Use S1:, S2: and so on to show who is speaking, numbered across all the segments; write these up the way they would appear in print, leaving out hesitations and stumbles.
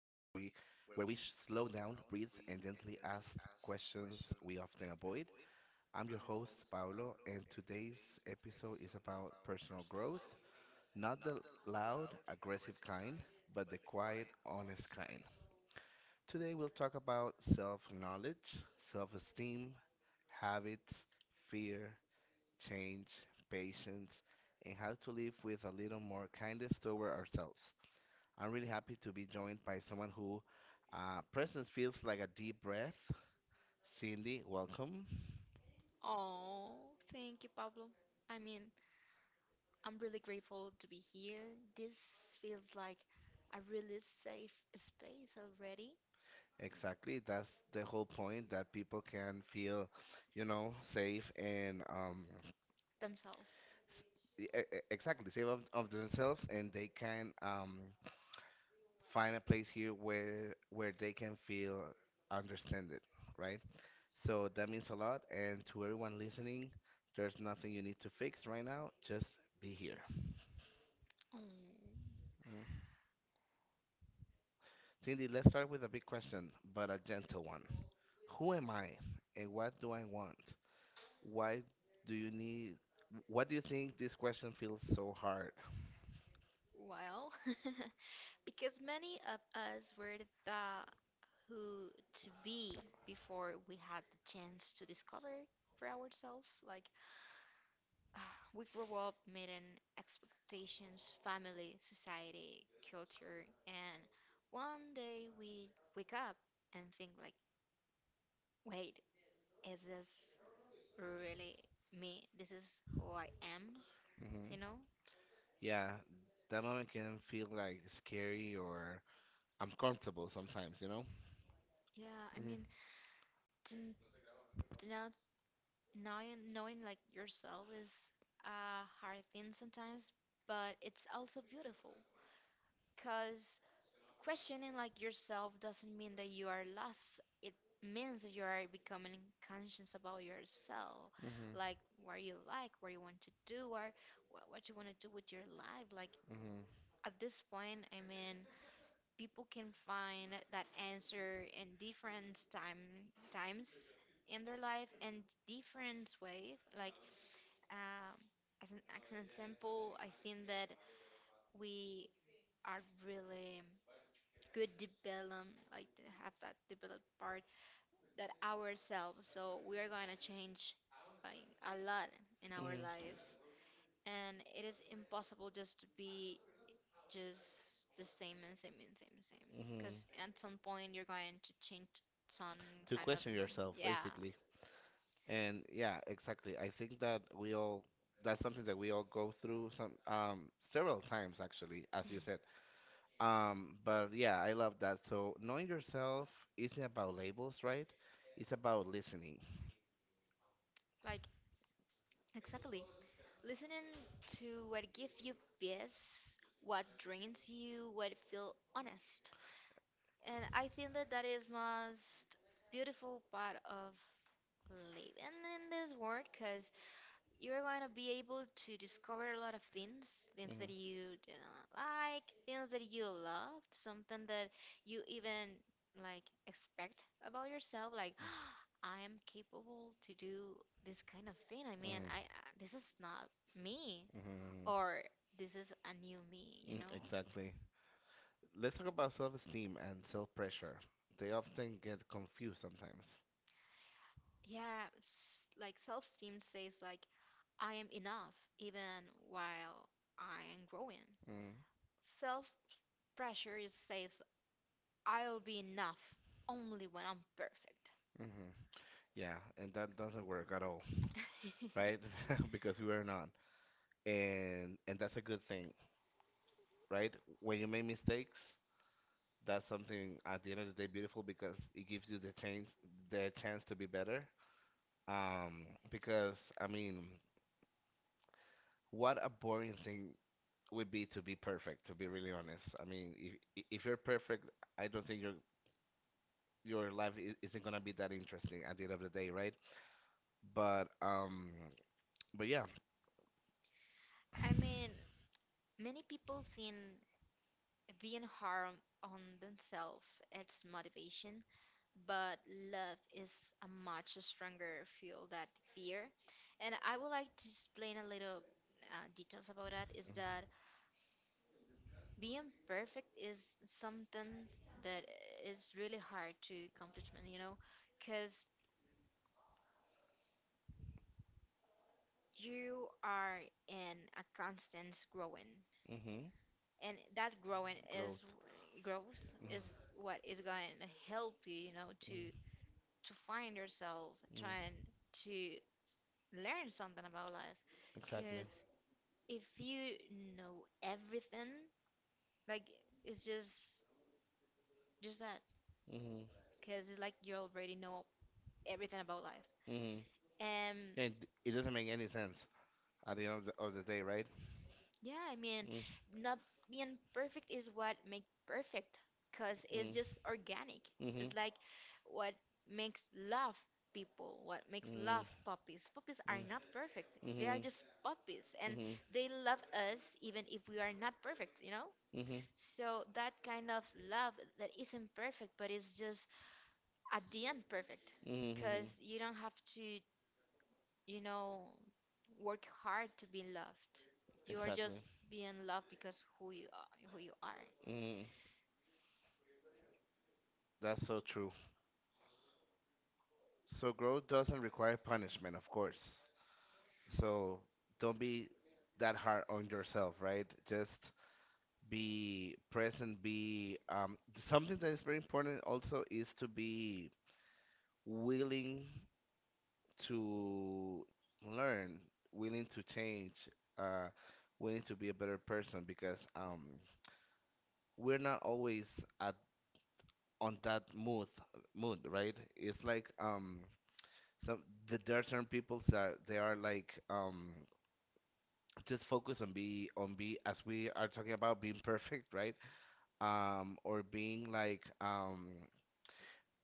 S1: where we sh- slow down, breathe, and gently ask questions we often avoid. I'm your host, Paolo, and today's episode is about personal growth, not the loud, aggressive kind, but the quiet, honest kind. Today we'll talk about self-knowledge, self-esteem, habits, fear, change, patience, and how to live with a little more kindness toward ourselves. I'm really happy to be joined by someone who presence feels like a deep breath. Cindy, welcome.
S2: Oh, thank you, Pablo. I mean, I'm really grateful to be here. This feels like a really safe space already
S1: Exactly, that's the whole point that people can feel safe and
S2: themselves.
S1: s- exactly safe of themselves, and they can find a place here where they can feel understood, right? So that means a lot. And to everyone listening, there's nothing you need to fix right now. Just be here.
S2: Oh,
S1: Cindy, let's start with a big question, but a gentle one. Who am I and what do I want? Why do you need, What do you think this question feels so hard?
S2: well, because many of us were the who to be before we had the chance to discover for ourselves. Like, we grow up meeting expectations, family, society, culture, and one day we wake up and think like, wait, is this really me? This is who I am,
S1: Hmm.
S2: you know?
S1: Yeah, that moment can feel like scary or uncomfortable sometimes, you know?
S2: Yeah,
S1: Hmm.
S2: to, to not knowing like yourself is a hard thing sometimes, but it's also beautiful because questioning like yourself doesn't mean that you are lost. It means that you are becoming conscious about yourself,
S1: Hmm.
S2: like like, what you want to do, or what you want to do with your life. Like
S1: Hmm.
S2: at this point, people can find that answer in different time times in their life and different ways. Like um, as an example, I think that we are really good develop like to have that developed part that ourselves so we are going to change like a lot in our
S1: Hmm.
S2: lives and it is impossible just to be just the same and same and same and same
S1: Hmm.
S2: because at some point you're going to change some
S1: To
S2: kind of
S1: question
S2: man-
S1: yourself,
S2: yeah
S1: basically. And yeah, exactly. I think that we all that's something that we all go through some several times, actually, as you said. But yeah, I love that. So knowing yourself isn't about labels, right? It's about listening.
S2: like exactly listening to what give you peace what drains you what feel honest and I think that that is most beautiful part of living in in this world because you're going to be able to discover a lot of things things that
S1: Mhm.
S2: you do not like things that you loved, something that you even like expect about yourself like I am capable to do this kind of thing
S1: Mhm,
S2: this is not me
S1: mhm, mhm.
S2: or this is a new me you
S1: Mm,
S2: know. Exactly.
S1: exactly. Let's talk about self-esteem and self-pressure. They often get confused sometimes.
S2: Yeah s- like self-esteem says like I am enough even while I am growing.
S1: Mm-hmm.
S2: Self pressure is- says I'll be enough only when I'm perfect.
S1: Mm-hmm. Yeah, and that doesn't work at all. Right? Because we were not, and that's a good thing, right? When you make mistakes, that's something at the end of the day beautiful because it gives you the chance to be better. Because I mean, what a boring thing would be to be perfect, to be really honest. I mean, if you're perfect, I don't think your life isn't gonna be that interesting at the end of the day, right? But um, but yeah.
S2: I mean, many people think being hard on themselves it's motivation, but love is a much stronger fuel than fear. And I would like to explain a little details about that. Is that being perfect is something that is really hard to accomplishment, you know, because you are in a constant growing
S1: Mm-hmm. Mm-hmm.
S2: and that growing is
S1: Growth.
S2: growth is
S1: Mhm.
S2: what is going to help you you know to find yourself trying
S1: Mm-hmm.
S2: to learn something about life
S1: Exactly.
S2: because if you know everything like it's just that
S1: Hmm.
S2: because it's like you already know everything about life
S1: Hmm.
S2: um
S1: And it doesn't make any sense at the end of the day, right?
S2: yeah
S1: Mm.
S2: not being perfect is what make perfect because it's
S1: Mm.
S2: just organic it's
S1: Mhm.
S2: like what makes love people what makes
S1: Mm.
S2: love puppies puppies are
S1: Mm.
S2: not perfect they are
S1: Mhm.
S2: just puppies and they love us even if we are not perfect you know
S1: Mhm. Mhm.
S2: so that kind of love that isn't perfect but it's just at the end perfect
S1: Mhm.
S2: because you don't have to you know work hard to be loved you are
S1: Exactly.
S2: just being loved because who you are who you are.
S1: Mhm. That's so true. So growth doesn't require punishment, of course. So don't be that hard on yourself, right? Just be present, be something that is very important also is to be willing to learn, willing to change, uh, willing to be a better person because we're not always at on that mood, right? It's like some there are certain people that they are like just focus on be as we are talking about being perfect, right? Or being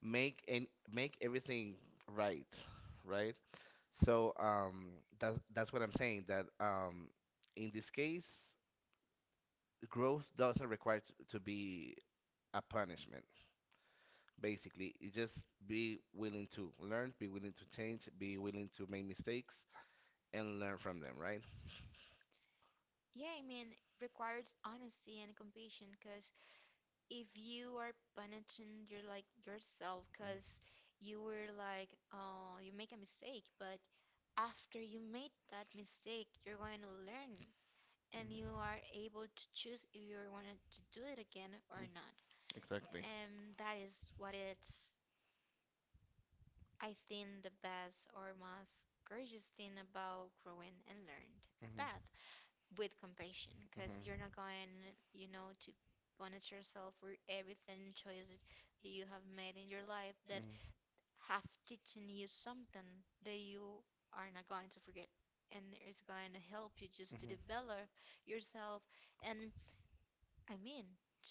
S1: make and make everything right, right? So that's what I'm saying that in this case growth doesn't require to be a punishment. Basically you just be willing to learn, be willing to change, be willing to make mistakes and learn from them, right?
S2: Yeah, requires honesty and compassion because if you are punishing your like yourself because you were like, oh, you make a mistake, but after you made that mistake, you're going to learn and you
S1: Mhm.
S2: are able to choose if you wanted to do it again or not.
S1: Exactly.
S2: And that is what it's, I think, the best or most courageous thing about growing and learned.
S1: Mhm.
S2: Bad. With compassion because
S1: Mhm.
S2: you're not going, you know, to punish yourself for everything choice that you have made in your life that
S1: Mhm.
S2: have teaching you something that you are not going to forget and it's going to help you just to
S1: Mhm.
S2: develop yourself and I mean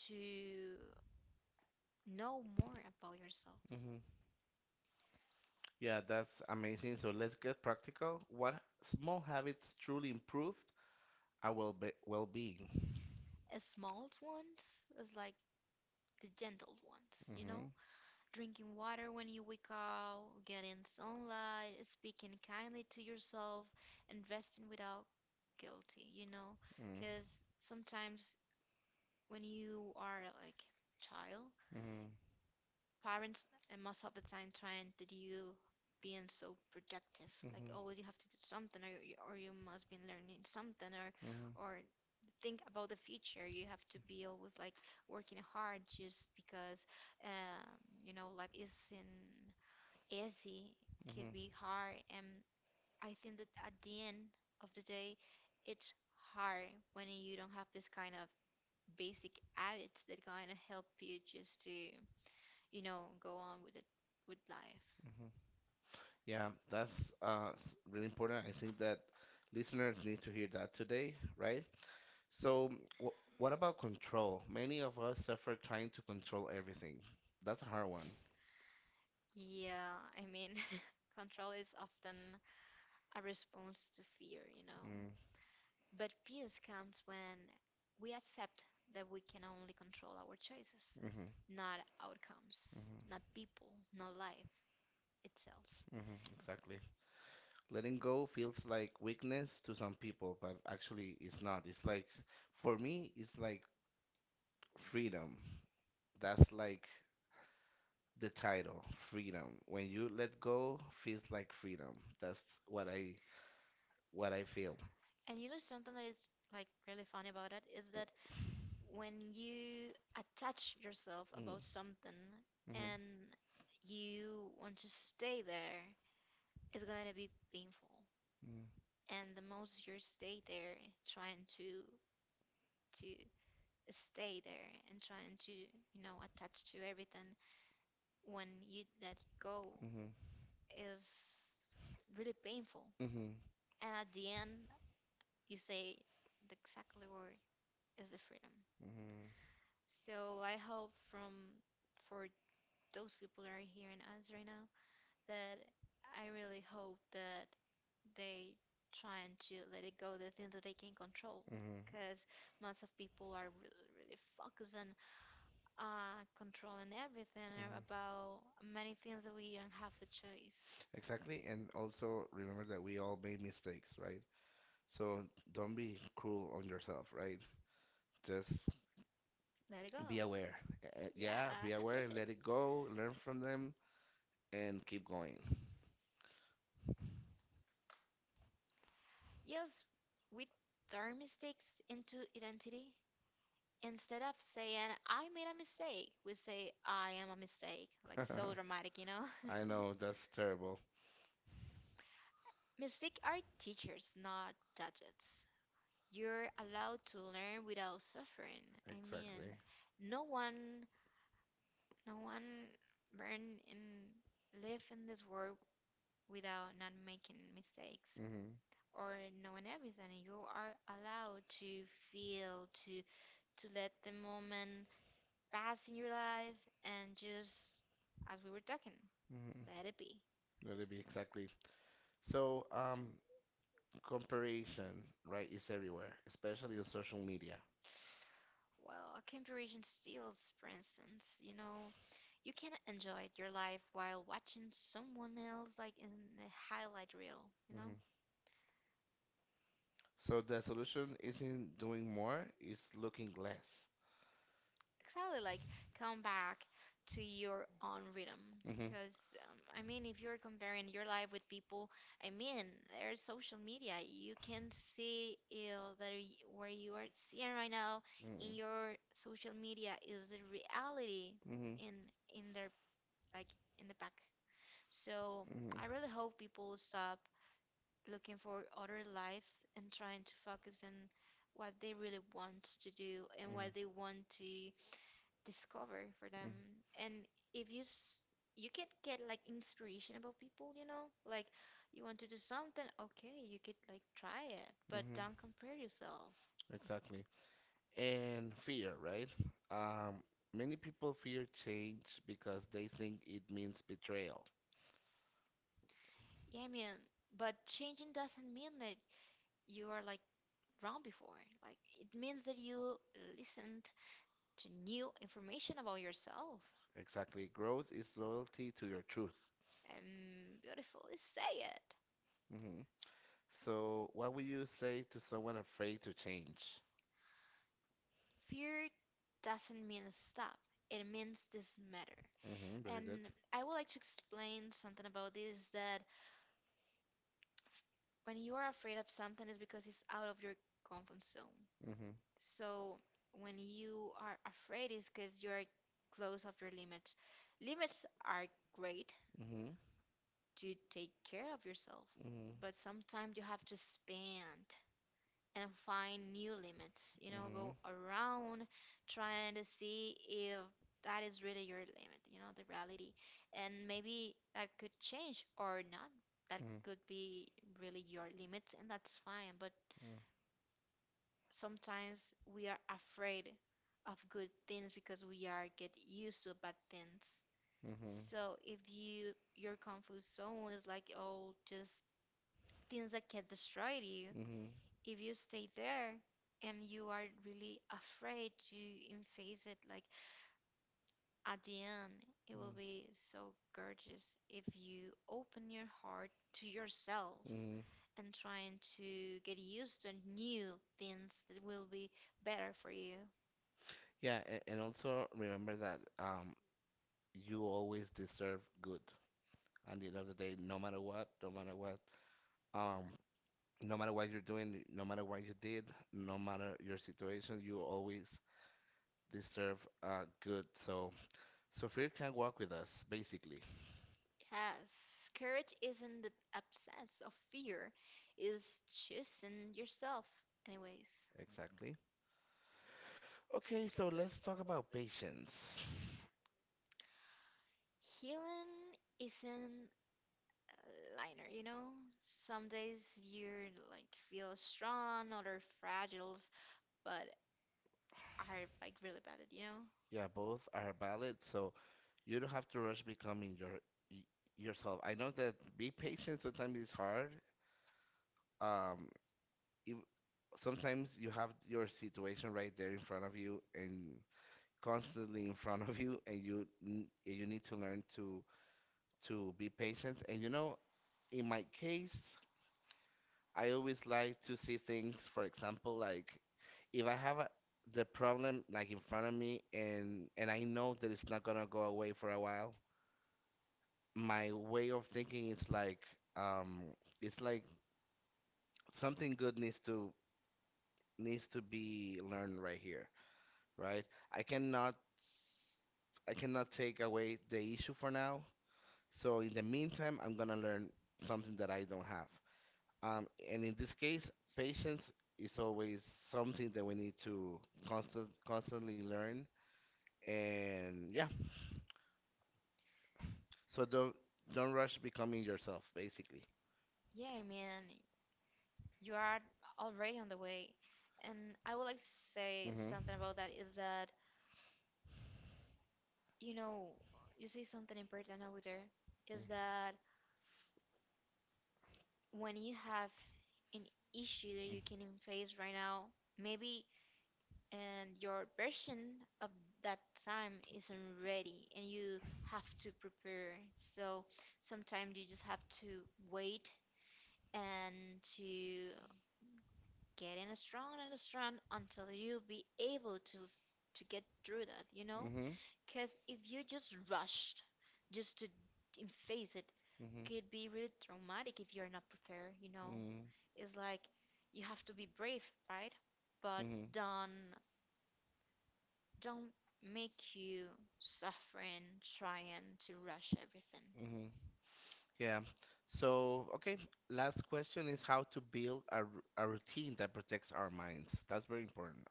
S2: to know more about yourself.
S1: Mhm. Yeah, that's amazing. So let's get practical. What small habits truly improved our well-being?
S2: A small ones is like the gentle ones, you know?
S1: Mhm.
S2: Drinking water when you wake up, getting sunlight, speaking kindly to yourself, and resting without guilty, you know?
S1: Mhm.
S2: Because sometimes when you are like child,
S1: Mhm.
S2: parents and most of the time trying to do being so productive, like oh you have to do something or you must be learning something
S1: Mhm.
S2: or think about the future. You have to be always like working hard just because um, you know life is in easy, could
S1: Mhm.
S2: be hard, and I think that at the end of the day, it's hard when you don't have this kind of basic habits that going to help you just to, you know, go on with it with life.
S1: Mhm. Yeah, that's really important. I think that listeners need to hear that today, right? So, w what about control? Many of us suffer trying to control everything. That's a hard one.
S2: Yeah, control is often a response to fear, you know.
S1: Mm.
S2: But peace comes when we accept that we can only control our choices,
S1: Hmm.
S2: not outcomes,
S1: Hmm.
S2: not people, not life itself.
S1: Hmm. Exactly. Letting go feels like weakness to some people, but actually it's not. It's like, for me, it's like freedom. That's like the title, freedom. When you let go, feels like freedom. That's what I what I feel.
S2: And you know something that is like really funny about it is that when you attach yourself
S1: Mm.
S2: about something
S1: Mhm.
S2: and you want to stay there, it's going to be painful.
S1: Mm.
S2: And the most you stay there trying to stay there and trying to, you know, attach to everything when you let go
S1: Mhm.
S2: is really painful.
S1: Mhm.
S2: And at the end, you say the exactly word is the freedom.
S1: Mhm.
S2: So I hope from for those people that are hearing us right now that I really hope that they trying to let it go the things that they can control
S1: Mhm.
S2: because lots of people are really really focused on controlling everything
S1: Mhm.
S2: about many things that we don't have a choice.
S1: Exactly, and also remember that we all made mistakes, right? So don't be cruel on yourself, right? Just
S2: Let it go.
S1: be
S2: Be
S1: aware.
S2: aware. Yeah. Be
S1: Yeah, be aware
S2: aware,
S1: and
S2: let it
S1: let it go, learn from them, and keep going.
S2: yes, we turn mistakes into identity. Instead of saying, I made a mistake, we say, I am a mistake. Like, so dramatic, you know?
S1: I know, that's terrible.
S2: Mistakes are teachers, not judges. You're allowed to learn without suffering. I mean,
S1: Exactly.
S2: no one, no one born and live in this world without not making mistakes
S1: Mhm.
S2: or knowing everything. You are allowed to feel, to let the moment fast in your life and just, as we were talking,
S1: Mhm.
S2: let it be.
S1: Let it be, exactly. So, comparison, right, is everywhere, especially on social media.
S2: Well, comparison steals, for instance, you know, you can enjoy your life while watching someone else, like in the highlight reel, you know?
S1: Mhm. So the solution isn't doing more, it's looking less.
S2: Exactly, like come back to your own rhythm.
S1: Hmm.
S2: Because, if you're comparing your life with people, I mean, there's social media. You can see that y- where you are seeing right now in
S1: Mm,
S2: your social media is the reality
S1: mhm,
S2: in in their like in the back. So
S1: mhm,
S2: I really hope people stop looking for other lives and trying to focus on what they really want to do and what they want to discover for them.
S1: mhm.
S2: And if you s- you can get like inspiration about people, you know, like you want to do something, okay, you could like try it, but don't compare yourself.
S1: Exactly. And fear, right? Um, Many people fear change because they think it means betrayal.
S2: Yeah, but changing doesn't mean that you are like wrong before. Like it means that you listened to new information about yourself
S1: Exactly. Growth is loyalty to your truth.
S2: and beautifully say it.
S1: Mhm. So, what would you say to someone afraid to change?
S2: Fear doesn't mean stop. It means this matter.
S1: Mm-hmm, very good.
S2: And I would like to explain something about this is that when you are afraid of something it's because it's out of your comfort zone.
S1: Mhm.
S2: So when you are afraid it's because you are close of your limits. Limits are great
S1: Mm-hmm.
S2: to take care of yourself,
S1: Mm-hmm.
S2: but sometimes you have to spend. And find new limits. You know, go around trying to see if that is really your limit, you know, the reality. And maybe that could change or not. That could be really your limits, and that's fine. But
S1: Mhm.
S2: sometimes we are afraid of good things because we are get used to bad things.
S1: Mhm.
S2: So if you your comfort zone is like oh just things that can destroy you
S1: Mhm.
S2: if you stay there and you are really afraid to face it, like at the end, it will be so gorgeous if you open your heart to yourself
S1: Mm.
S2: and trying to get used to new things that will be better for you.
S1: Yeah, and also remember that you always deserve good. At the end of the day, no matter what, no matter what, um, no matter what you're doing, no matter what you did, no matter your situation, you always deserve good. so, fear can walk with us, basically.
S2: Yes, courage isn't the absence of fear, is choosing yourself. Anyways,
S1: Exactly. Okay, so let's talk about patience.
S2: healing isn't liner, you know? Some days you like feel strong, other fragiles, but are like really bad at, you know?
S1: Yeah, both are valid, so you don't have to rush becoming y- yourself. I know that be patient sometimes is hard. Um, ev Sometimes you have your situation right there in front of you and constantly in front of you, and you need to learn to be patient. And in my case, I always like to see things, for example, like if I have the problem like in front of me, and I know that it's not gonna go away for a while. My way of thinking is like um it's like something good needs to be learned right here, right? I cannot take away the issue for now. So in the meantime, I'm gonna learn something that I don't have. And in this case, patience is always something that we need to constantly learn. And yeah, so don't rush becoming yourself, basically.
S2: Yeah, man, you are already on the way. And I would like to say something about that is that, you know, you say something important over there is that when you have an issue that you can face right now, maybe and your version of that time isn't ready and you have to prepare so sometimes you just have to wait and to get in a strong and a strong until you be able to get through that you know
S1: Hmm.
S2: because if you just rushed just to face it
S1: Hmm.
S2: could be really traumatic if you're not prepared you know it's like you have to be brave right but don't don't make you suffering trying to rush everything.
S1: Hmm. Yeah. So, okay, last question is how to build a routine that protects our minds. That's very important.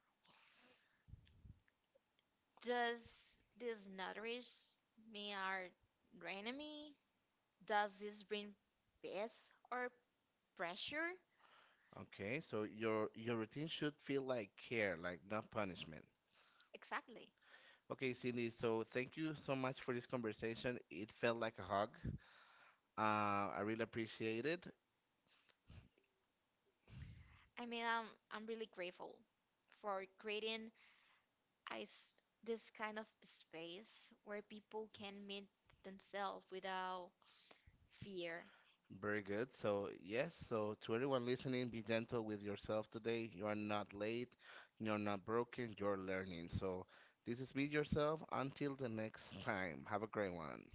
S2: Does these notaries me our enemy? Does this bring peace or pressure?
S1: Okay, so your routine should feel like care, like not punishment.
S2: Exactly.
S1: Okay, Cindy, so thank you so much for this conversation. It felt like a hug. I really appreciate it.
S2: I mean, I'm really grateful for creating I s this kind of space where people can meet themselves without fear
S1: Very good. So, yes, so to everyone listening, be gentle with yourself today. You are not late, you're not broken, you're learning. So, this is Be Yourself. Until the next time, have a great one.